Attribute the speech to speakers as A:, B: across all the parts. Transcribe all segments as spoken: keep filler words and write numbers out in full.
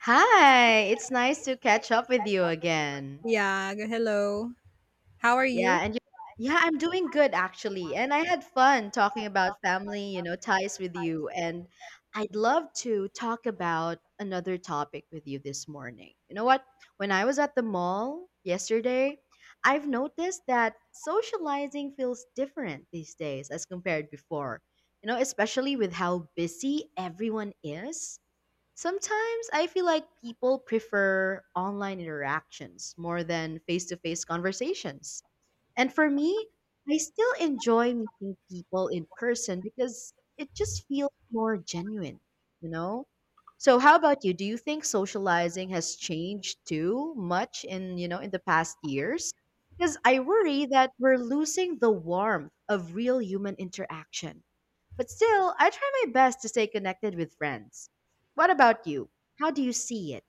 A: Hi, it's nice to catch up with you again.
B: Yeah, g- hello. How are
A: Yeah,
B: you?
A: and you. Yeah, I'm doing good actually. And I had fun talking about family, you know, ties with you. And I'd love to talk about another topic with you this morning. You know what? When I was at the mall yesterday, I've noticed that socializing feels different these days as compared before. You know, especially with how busy everyone is. Sometimes I feel like people prefer online interactions more than face to face conversations. And for me, I still enjoy meeting people in person because it just feels more genuine, you know? So how about you? Do you think socializing has changed too much in, you know, in the past years? Because I worry that we're losing the warmth of real human interaction. But still, I try my best to stay connected with friends. What about you? How do you see it?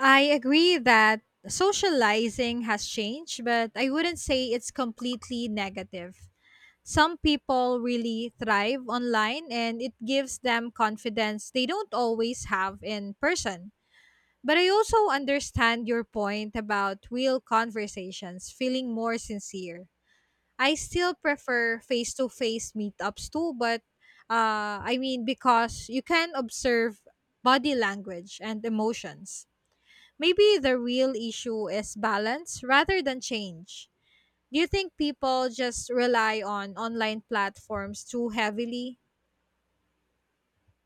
B: I agree that socializing has changed, but I wouldn't say it's completely negative. Some people really thrive online and it gives them confidence they don't always have in person. But I also understand your point about real conversations feeling more sincere. I still prefer face to face meetups too, but uh, I mean, because you can observe body language and emotions. Maybe the real issue is balance rather than change. Do you think people just rely on online platforms too heavily?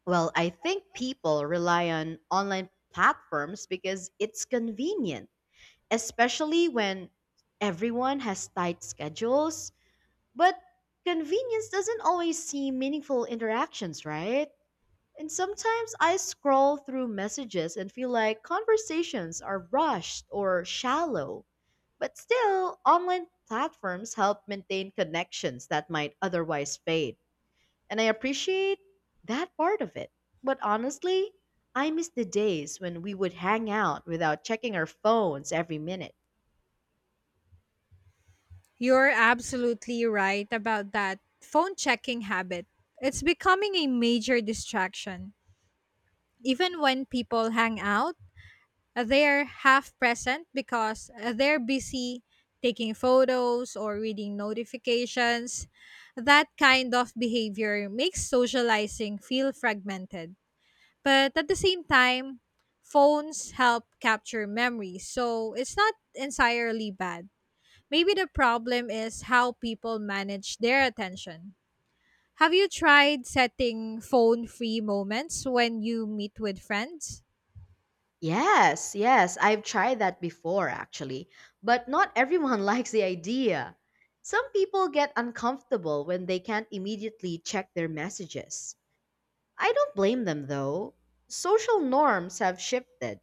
A: Well, I think people rely on online platforms because it's convenient especially when everyone has tight schedules. But convenience doesn't always see meaningful interactions, right? And sometimes I scroll through messages and feel like conversations are rushed or shallow. But still, online platforms help maintain connections that might otherwise fade. And I appreciate that part of it. But honestly, I miss the days when we would hang out without checking our phones every minute.
B: You're absolutely right about that phone checking habit. It's becoming a major distraction. Even when people hang out, Uh, they're half present because uh, they're busy taking photos or reading notifications. That kind of behavior makes socializing feel fragmented. But at the same time, phones help capture memories, so it's not entirely bad. Maybe the problem is how people manage their attention. Have you tried setting phone free moments when you meet with friends?
A: Yes, yes, I've tried that before actually, but not everyone likes the idea. Some people get uncomfortable when they can't immediately check their messages. I don't blame them though. Social norms have shifted.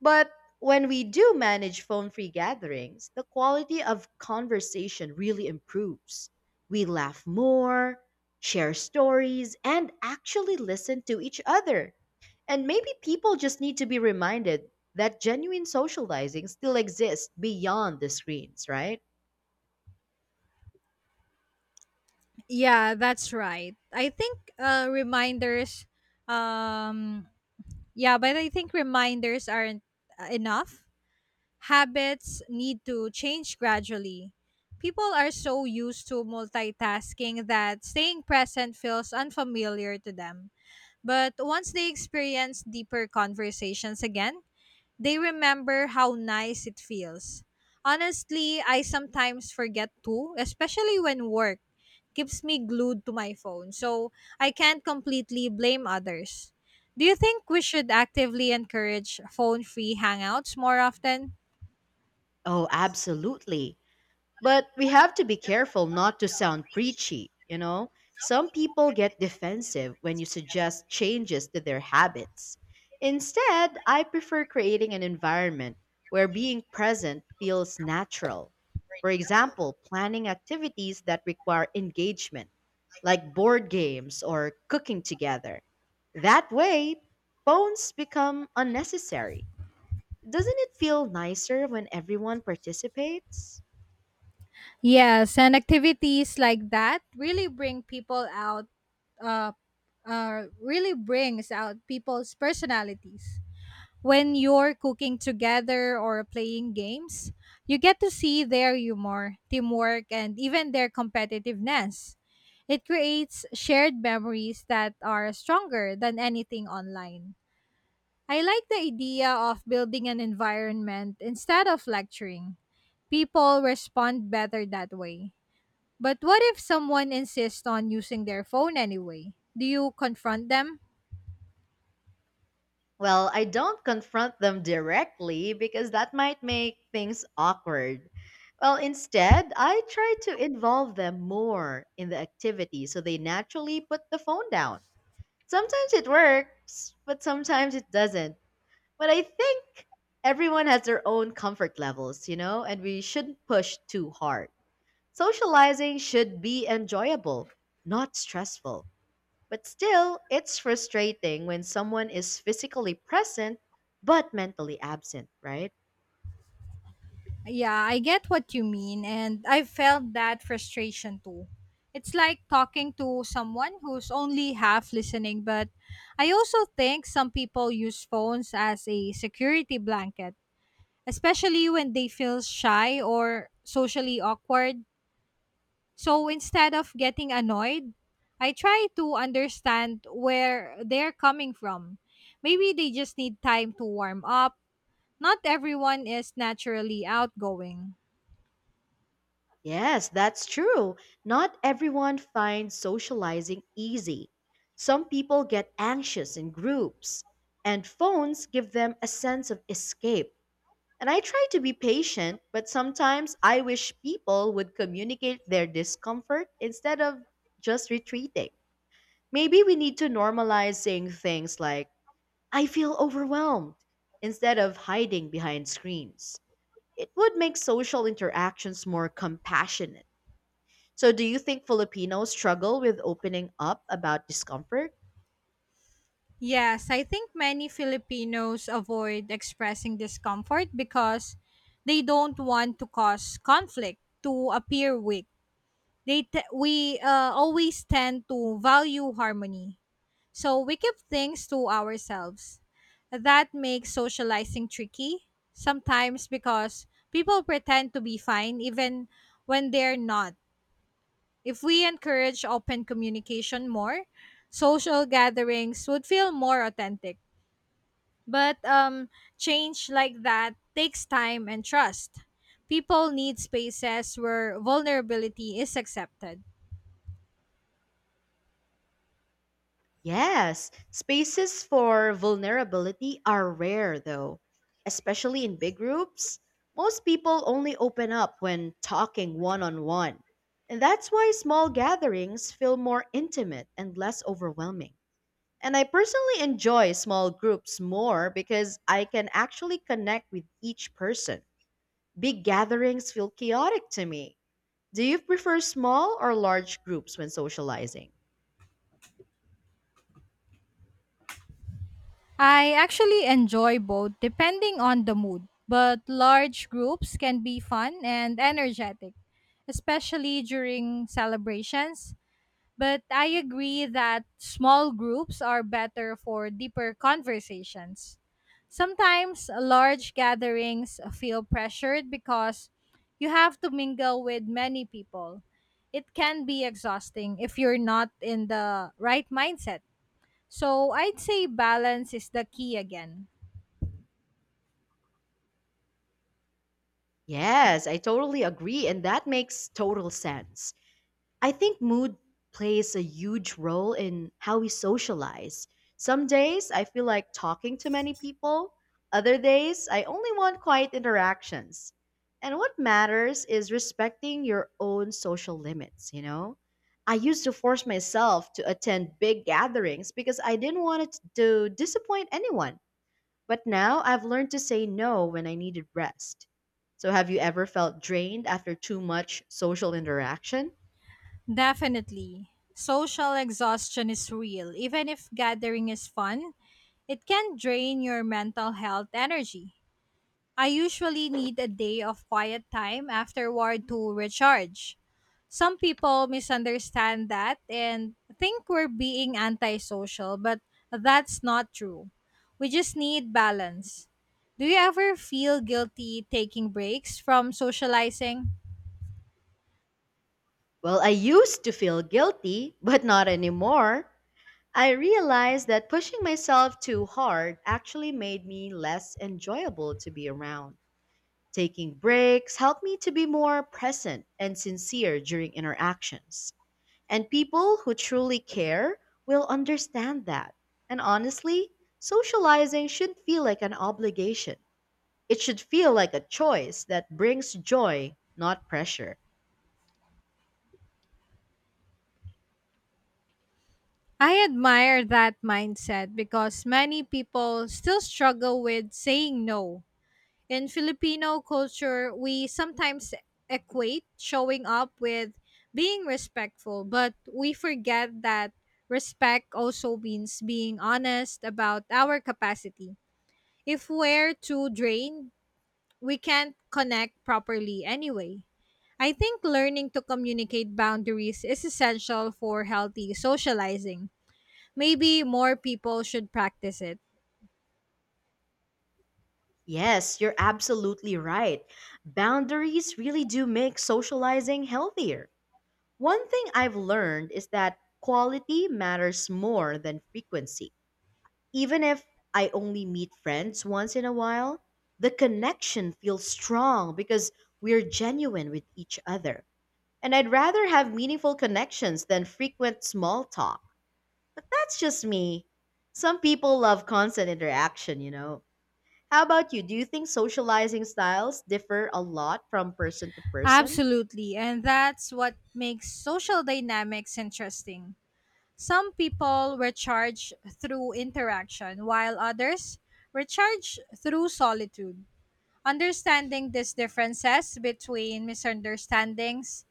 A: But when we do manage phone free gatherings, the quality of conversation really improves. We laugh more, share stories, and actually listen to each other. And maybe people just need to be reminded that genuine socializing still exists beyond the screens, right?
B: Yeah, that's right. I think uh reminders um yeah, but I think reminders aren't uh, enough. Habits need to change gradually. People are so used to multitasking that staying present feels unfamiliar to them. But once they experience deeper conversations again, they remember how nice it feels. Honestly, I sometimes forget too, especially when work keeps me glued to my phone, so I can't completely blame others. Do you think we should actively encourage phone free hangouts more often?
A: Oh, absolutely. But we have to be careful not to sound preachy, you know? Some people get defensive when you suggest changes to their habits. Instead, I prefer creating an environment where being present feels natural. For example, planning activities that require engagement, like board games or cooking together. That way, phones become unnecessary. Doesn't it feel nicer when everyone participates?
B: Yes, and activities like that really bring people out, uh, uh, really brings out people's personalities. When you're cooking together or playing games, you get to see their humor, teamwork, and even their competitiveness. It creates shared memories that are stronger than anything online. I like the idea of building an environment instead of lecturing. People respond better that way. But what if someone insists on using their phone anyway? Do you confront them?
A: Well, I don't confront them directly because that might make things awkward. Well, instead, I try to involve them more in the activity so they naturally put the phone down. Sometimes it works, but sometimes it doesn't. But I think everyone has their own comfort levels, you know, and we shouldn't push too hard. Socializing should be enjoyable, not stressful. But still, it's frustrating when someone is physically present but mentally absent, right?
B: Yeah, I get what you mean, and I felt that frustration too. It's like talking to someone who's only half listening, but I also think some people use phones as a security blanket, especially when they feel shy or socially awkward. So instead of getting annoyed, I try to understand where they're coming from. Maybe they just need time to warm up. Not everyone is naturally outgoing.
A: Yes, that's true. Not everyone finds socializing easy. Some people get anxious in groups, and phones give them a sense of escape. And I try to be patient, but sometimes I wish people would communicate their discomfort instead of just retreating. Maybe we need to normalize saying things like, I feel overwhelmed, instead of hiding behind screens. It would make social interactions more compassionate. So, do you think Filipinos struggle with opening up about discomfort?
B: Yes, I think many Filipinos avoid expressing discomfort because they don't want to cause conflict, to appear weak. They t- we uh, always tend to value harmony. So we keep things to ourselves. That makes socializing tricky sometimes because people pretend to be fine even when they're not. If we encourage open communication more, social gatherings would feel more authentic. But um, change like that takes time and trust. People need spaces where vulnerability is accepted.
A: Yes, spaces for vulnerability are rare though, especially in big groups. Most people only open up when talking one on one. And that's why small gatherings feel more intimate and less overwhelming. And I personally enjoy small groups more because I can actually connect with each person. Big gatherings feel chaotic to me, do you prefer small or large groups when socializing?
B: I actually enjoy both depending on the mood, but large groups can be fun and energetic, especially during celebrations. But I agree that small groups are better for deeper conversations. Sometimes large gatherings feel pressured because you have to mingle with many people. It can be exhausting if you're not in the right mindset. So I'd say balance is the key again.
A: Yes, I totally agree, and that makes total sense. I think mood plays a huge role in how we socialize. Some days I feel like talking to many people, other days I only want quiet interactions. And what matters is respecting your own social limits, you know? I used to force myself to attend big gatherings because I didn't want it to disappoint anyone. But now I've learned to say no when I needed rest. So, have you ever felt drained after too much social interaction?
B: Definitely. Social exhaustion is real. Even if gathering is fun, it can drain your mental health energy. I usually need a day of quiet time afterward to recharge. Some people misunderstand that and think we're being antisocial, but that's not true. We just need balance. Do you ever feel guilty taking breaks from socializing?
A: Well, I used to feel guilty, but not anymore. I realized that pushing myself too hard actually made me less enjoyable to be around. Taking breaks helped me to be more present and sincere during interactions. And people who truly care will understand that. And honestly, socializing shouldn't feel like an obligation. It should feel like a choice that brings joy, not pressure.
B: I admire that mindset because many people still struggle with saying no. In Filipino culture, we sometimes equate showing up with being respectful, but we forget that respect also means being honest about our capacity. If we're too drained, we can't connect properly anyway. I think learning to communicate boundaries is essential for healthy socializing. Maybe more people should practice it.
A: Yes, you're absolutely right. Boundaries really do make socializing healthier. One thing I've learned is that quality matters more than frequency. Even if I only meet friends once in a while, the connection feels strong because we're genuine with each other. And I'd rather have meaningful connections than frequent small talk. But that's just me. Some people love constant interaction, you know. How about you? Do you think socializing styles differ a lot from person to person?
B: Absolutely, and that's what makes social dynamics interesting. Some people recharge through interaction, while others recharge through solitude. Understanding these differences between misunderstandings,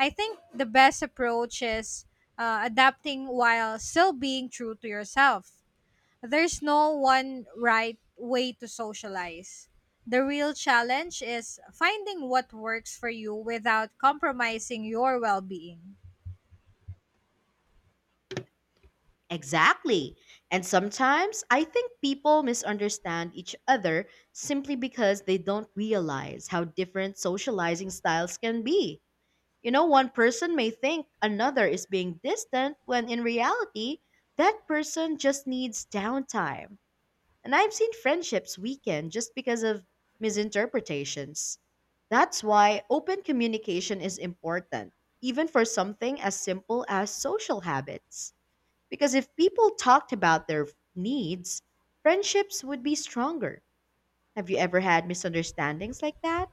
B: I think the best approach is uh, adapting while still being true to yourself. There's no one right way to socialize. The real challenge is finding what works for you without compromising your well being.
A: Exactly. And sometimes I think people misunderstand each other simply because they don't realize how different socializing styles can be. You know, one person may think another is being distant when in reality, that person just needs downtime. And I've seen friendships weaken just because of misinterpretations. That's why open communication is important, even for something as simple as social habits. Because if people talked about their needs, friendships would be stronger. Have you ever had misunderstandings like that?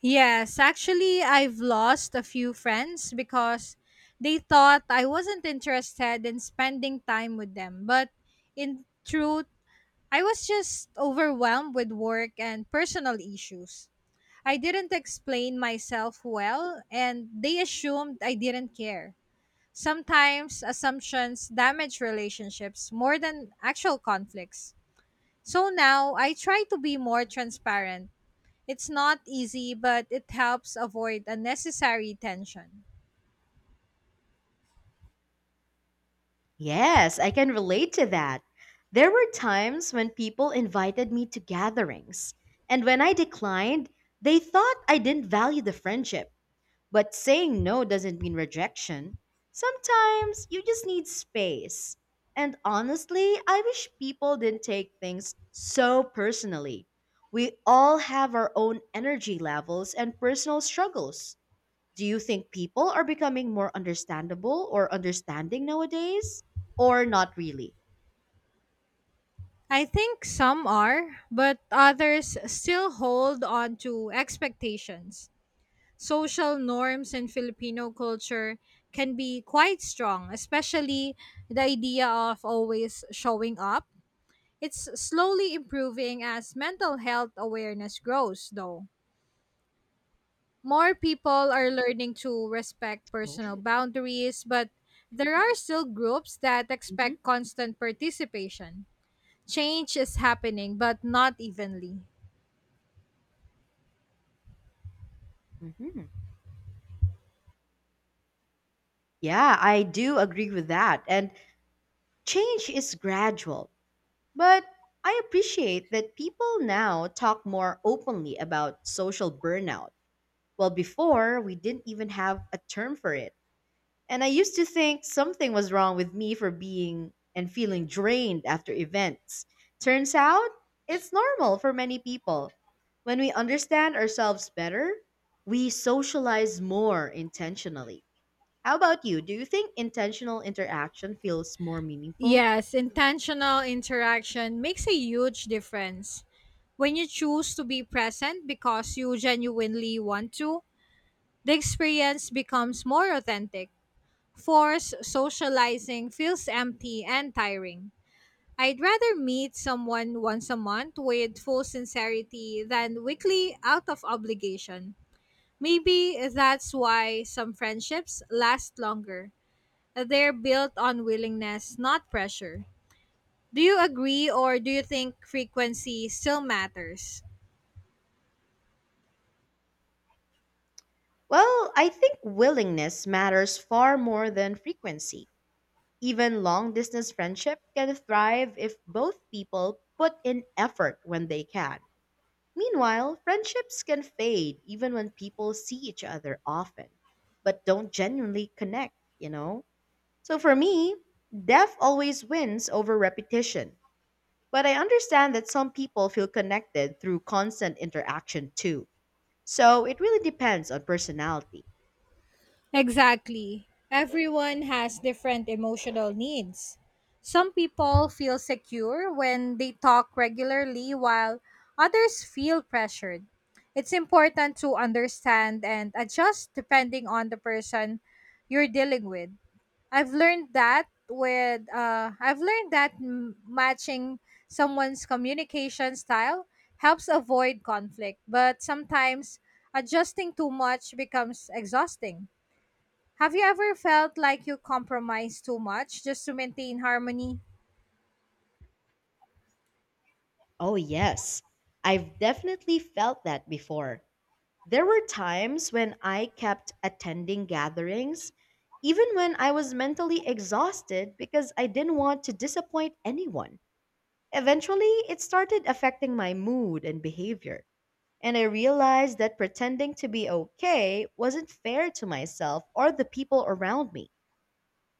B: Yes, actually, I've lost a few friends because they thought I wasn't interested in spending time with them. But in truth, I was just overwhelmed with work and personal issues. I didn't explain myself well, and they assumed I didn't care. Sometimes assumptions damage relationships more than actual conflicts. So now I try to be more transparent. It's not easy, but it helps avoid unnecessary tension.
A: Yes, I can relate to that. There were times when people invited me to gatherings, and when I declined, they thought I didn't value the friendship. But saying no doesn't mean rejection. Sometimes you just need space. And honestly, I wish people didn't take things so personally. We all have our own energy levels and personal struggles. Do you think people are becoming more understandable or understanding nowadays, or not really?
B: I think some are, but others still hold on to expectations. Social norms in Filipino culture can be quite strong, especially the idea of always showing up. It's slowly improving as mental health awareness grows, though. More people are learning to respect
A: Oh.
B: personal boundaries, but there are still groups that
A: hmm
B: expect constant participation. Change is happening, but not evenly.
A: hmm Yeah, I do agree with that. And change is gradual, but I appreciate that people now talk more openly about social burnout. Well, before, we didn't even have a term for it. And I used to think something was wrong with me for being and feeling drained after events. Turns out, it's normal for many people. When we understand ourselves better, we socialize more intentionally. How about you? Do you think intentional interaction feels more meaningful?
B: Yes, intentional interaction makes a huge difference. When you choose to be present because you genuinely want to, the experience becomes more authentic. Forced socializing feels empty and tiring. I'd rather meet someone once a month with full sincerity than weekly out of obligation. Maybe that's why some friendships last longer. They're built on willingness, not pressure. Do you agree or do you think frequency still matters?
A: Well, I think willingness matters far more than frequency. Even long distance friendship can thrive if both people put in effort when they can. Meanwhile, friendships can fade even when people see each other often, but don't genuinely connect, you know? So for me, depth always wins over repetition. But I understand that some people feel connected through constant interaction too. So it really depends on personality.
B: Exactly. Everyone has different emotional needs. Some people feel secure when they talk regularly, while others feel pressured. It's important to understand and adjust depending on the person you're dealing with. I've learned that with uh, I've learned that m- matching someone's communication style helps avoid conflict, but sometimes adjusting too much becomes exhausting. Have you ever felt like you compromise too much just to maintain harmony?
A: Oh, yes. I've definitely felt that before. There were times when I kept attending gatherings, even when I was mentally exhausted because I didn't want to disappoint anyone. Eventually, it started affecting my mood and behavior, and I realized that pretending to be okay wasn't fair to myself or the people around me.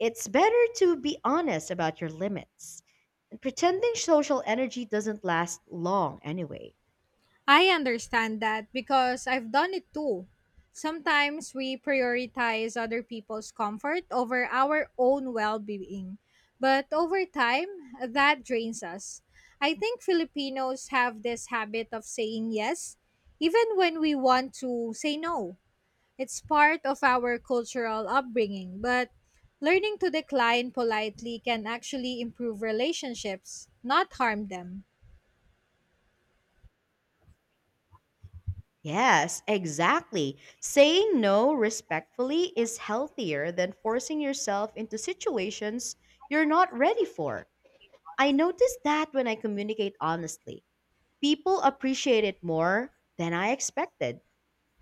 A: It's better to be honest about your limits. And pretending social energy doesn't last long anyway.
B: I understand that because I've done it too. Sometimes we prioritize other people's comfort over our own well being. But over time, that drains us. I think Filipinos have this habit of saying yes, even when we want to say no. It's part of our cultural upbringing, but learning to decline politely can actually improve relationships, not harm them.
A: Yes, exactly. Saying no respectfully is healthier than forcing yourself into situations you're not ready for. I notice that when I communicate honestly, people appreciate it more than I expected.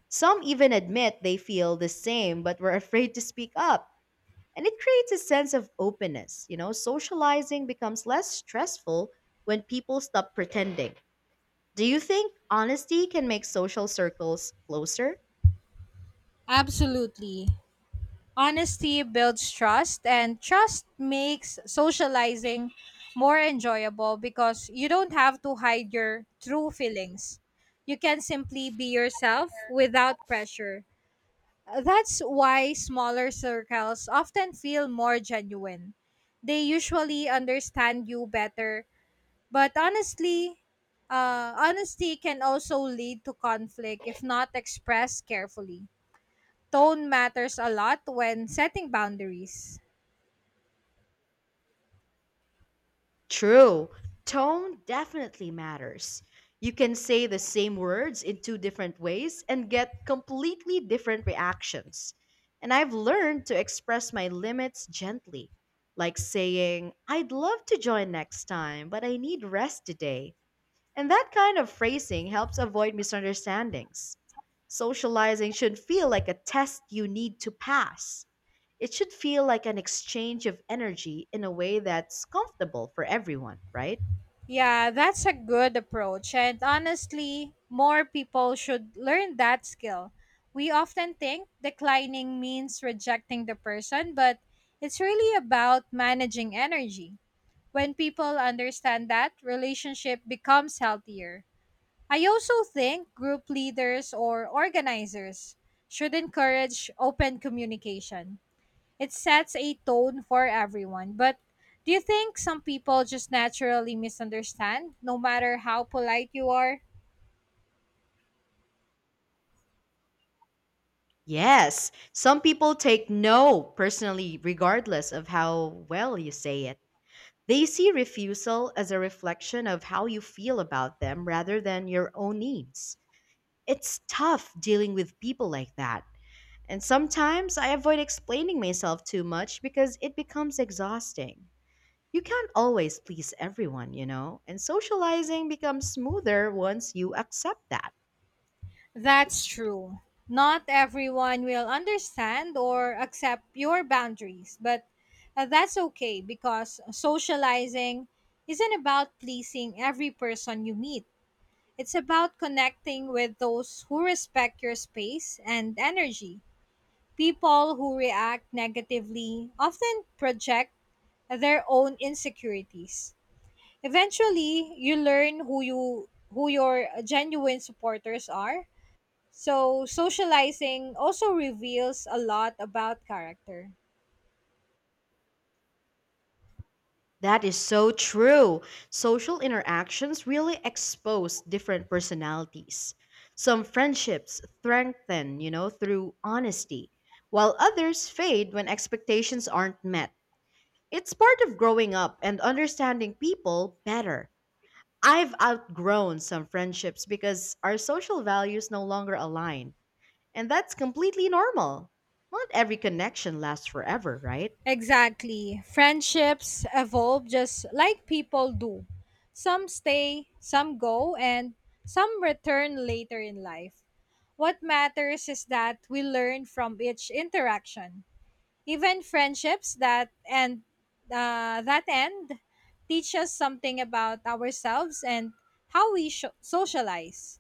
A: Some even admit they feel the same but were afraid to speak up. And it creates a sense of openness. You know, socializing becomes less stressful when people stop pretending. Do you think honesty can make social circles closer?
B: Absolutely. Honesty builds trust, and trust makes socializing more enjoyable because you don't have to hide your true feelings. You can simply be yourself without pressure. That's why smaller circles often feel more genuine. They usually understand you better, but honestly, uh, honesty can also lead to conflict if not expressed carefully. Tone matters a lot when setting boundaries.
A: True. Tone definitely matters. You can say the same words in two different ways and get completely different reactions. And I've learned to express my limits gently, like saying, I'd love to join next time, but I need rest today. And that kind of phrasing helps avoid misunderstandings. Socializing should feel like a test you need to pass. It should feel like an exchange of energy in a way that's comfortable for everyone, right?
B: Yeah, that's a good approach. And honestly, more people should learn that skill. We often think declining means rejecting the person, but it's really about managing energy. When people understand that, relationship becomes healthier. I also think group leaders or organizers should encourage open communication. It sets a tone for everyone. But do you think some people just naturally misunderstand, no matter how polite you are?
A: Yes, some people take no personally, regardless of how well you say it. They see refusal as a reflection of how you feel about them rather than your own needs. It's tough dealing with people like that. And sometimes I avoid explaining myself too much because it becomes exhausting. You can't always please everyone, you know, and socializing becomes smoother once you accept that.
B: That's true. Not everyone will understand or accept your boundaries, but uh, that's okay because socializing isn't about pleasing every person you meet. It's about connecting with those who respect your space and energy. People who react negatively often project their own insecurities. Eventually, you learn who you who your genuine supporters are. So, socializing also reveals a lot about character.
A: That is so true. Social interactions really expose different personalities. Some friendships strengthen, you know, through honesty, while others fade when expectations aren't met. It's part of growing up and understanding people better. I've outgrown some friendships because our social values no longer align, and that's completely normal. Not every connection lasts forever, right?
B: Exactly. Friendships evolve just like people do. Some stay, some go, and some return later in life. What matters is that we learn from each interaction. Even friendships that and uh, that end teach us something about ourselves and how we sho socialize.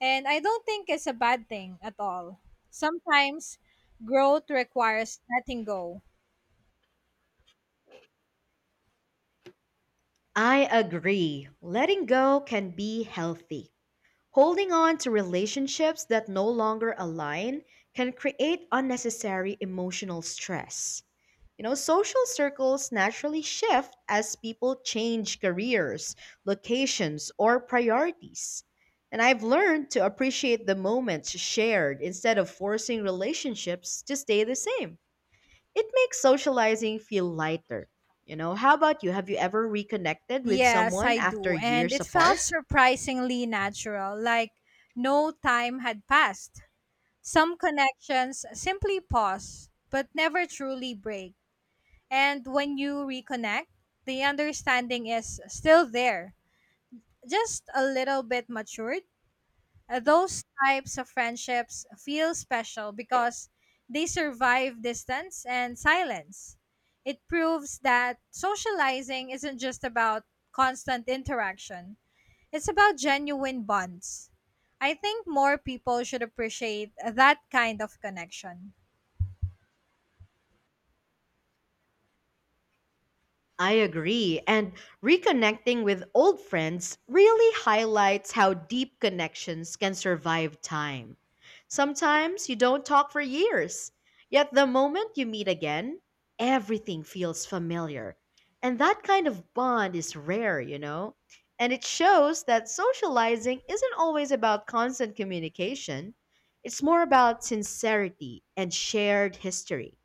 B: And I don't think it's a bad thing at all. Sometimes growth requires letting go.
A: I agree. Letting go can be healthy. Holding on to relationships that no longer align can create unnecessary emotional stress. You know, social circles naturally shift as people change careers, locations, or priorities. And I've learned to appreciate the moments shared instead of forcing relationships to stay the same. It makes socializing feel lighter. You know, how about you? Have you ever reconnected with
B: Yes,
A: someone
B: I
A: after
B: do. And
A: years
B: it felt
A: apart?
B: surprisingly natural, like no time had passed. Some connections simply pause, but never truly break. And when you reconnect, the understanding is still there, just a little bit matured. Uh, Those types of friendships feel special because they survive distance and silence. It proves that socializing isn't just about constant interaction, it's about genuine bonds. I think more people should appreciate that kind of connection.
A: I agree. And reconnecting with old friends really highlights how deep connections can survive time. Sometimes you don't talk for years, yet the moment you meet again, everything feels familiar. And that kind of bond is rare, you know? And it shows that socializing isn't always about constant communication, it's more about sincerity and shared history.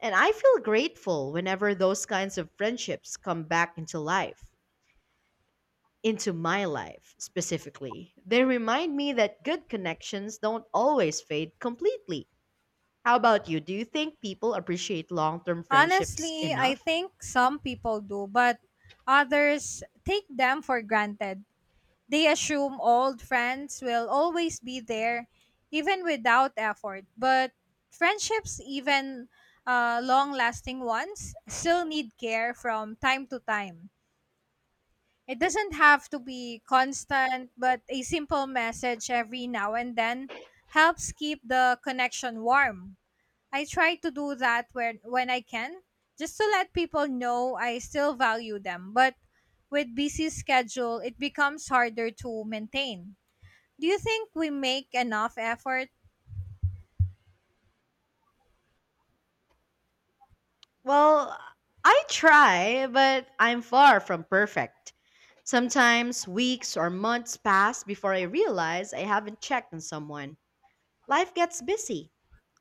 A: And I feel grateful whenever those kinds of friendships come back into life, into my life specifically. They remind me that good connections don't always fade completely. How about you? Do you think people appreciate long term friendships
B: Honestly, I
A: enough?
B: think some people do, but others take them for granted. They assume old friends will always be there, even without effort. But friendships, even uh, long lasting ones, still need care from time to time. It doesn't have to be constant, but a simple message every now and then helps keep the connection warm. I try to do that when when I can, just to let people know I still value them. But with busy schedule, it becomes harder to maintain. Do you think we make enough effort?
A: Well, I try, but I'm far from perfect. Sometimes weeks or months pass before I realize I haven't checked on someone. Life gets busy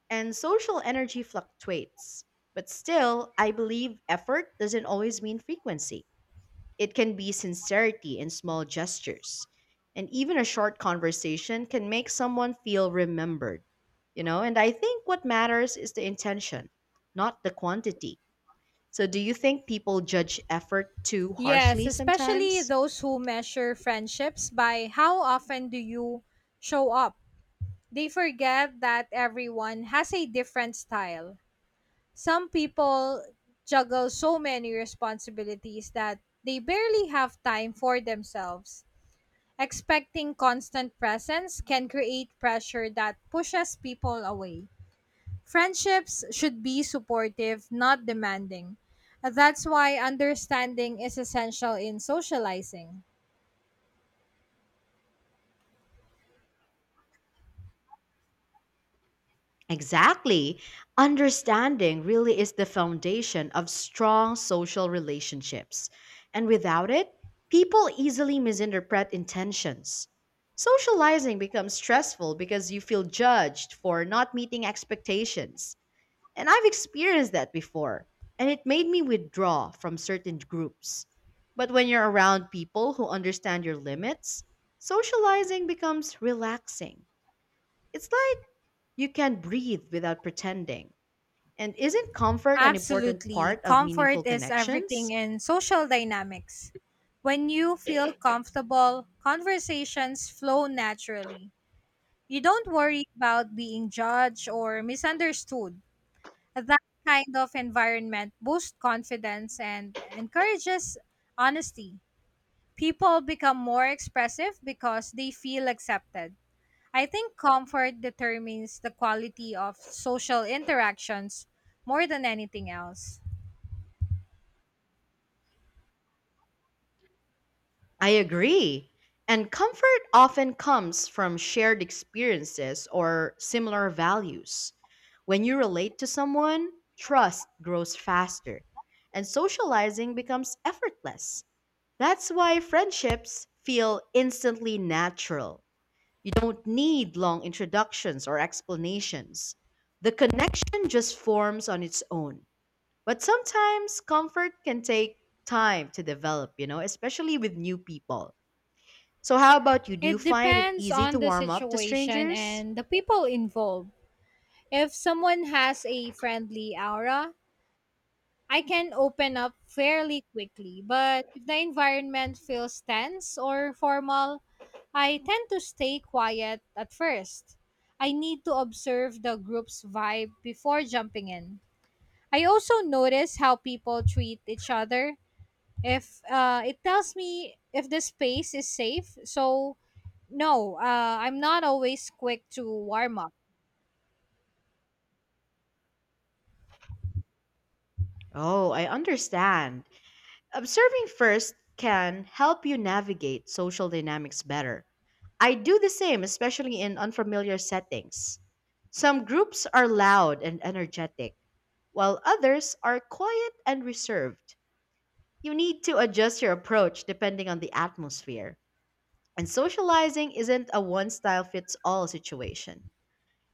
A: and social energy fluctuates. But still, I believe effort doesn't always mean frequency. It can be sincerity in small gestures. And even a short conversation can make someone feel remembered, you know? And I think what matters is the intention, not the quantity. So, do you think people judge effort too
B: Yes,
A: harshly
B: especially
A: sometimes?
B: those who measure friendships by how often do you show up. They forget that everyone has a different style. Some people juggle so many responsibilities that they barely have time for themselves. Expecting constant presence can create pressure that pushes people away. Friendships should be supportive, not demanding. That's why understanding is essential in socializing.
A: Exactly. Understanding really is the foundation of strong social relationships. And without it, people easily misinterpret intentions. Socializing becomes stressful because you feel judged for not meeting expectations. And I've experienced that before, and it made me withdraw from certain groups. But when you're around people who understand your limits, socializing becomes relaxing. It's like you can breathe without pretending. And isn't comfort an important
B: Absolutely.
A: part of
B: Comfort
A: meaningful
B: is everything
A: connections?
B: in social dynamics. When you feel comfortable, conversations flow naturally. You don't worry about being judged or misunderstood. That kind of environment boosts confidence and encourages honesty. People become more expressive because they feel accepted. I think comfort determines the quality of social interactions more than anything else.
A: I agree. And comfort often comes from shared experiences or similar values. When you relate to someone, trust grows faster, and socializing becomes effortless. That's why friendships feel instantly natural. You don't need long introductions or explanations. The connection just forms on its own. But sometimes comfort can take time to develop, you know, especially with new people. So, how about you? Do you
B: It
A: find it
B: depends
A: easy
B: on
A: to
B: the
A: warm up to
B: situation
A: strangers?
B: and the people involved. If someone has a friendly aura, I can open up fairly quickly. But if the environment feels tense or formal, I tend to stay quiet at first. I need to observe the group's vibe before jumping in. I also notice how people treat each other. If uh, it tells me if the space is safe, so no, uh, I'm not always quick to warm up.
A: Oh, I understand. Observing first can help you navigate social dynamics better. I do the same, especially in unfamiliar settings. Some groups are loud and energetic, while others are quiet and reserved. You need to adjust your approach depending on the atmosphere. And socializing isn't a one style fits all situation.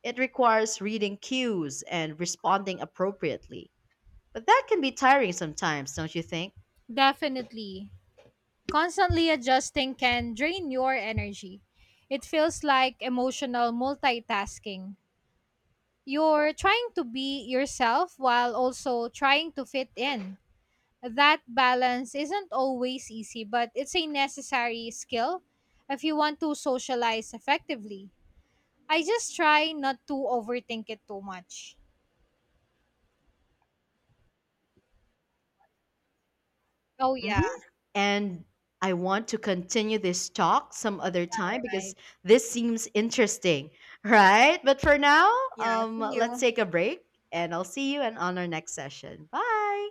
A: It requires reading cues and responding appropriately. But that can be tiring sometimes, don't you think?
B: Definitely. Constantly adjusting can drain your energy. It feels like emotional multitasking. You're trying to be yourself while also trying to fit in. That balance isn't always easy, but it's a necessary skill if you want to socialize effectively. I just try not to overthink it too much. Oh, yeah,
A: hmm And I want to continue this talk some other
B: all
A: time
B: right.
A: because this seems interesting, right? But for now,
B: Yeah,
A: um,
B: see
A: let's
B: you.
A: take a break and I'll see you and on our next session. Bye.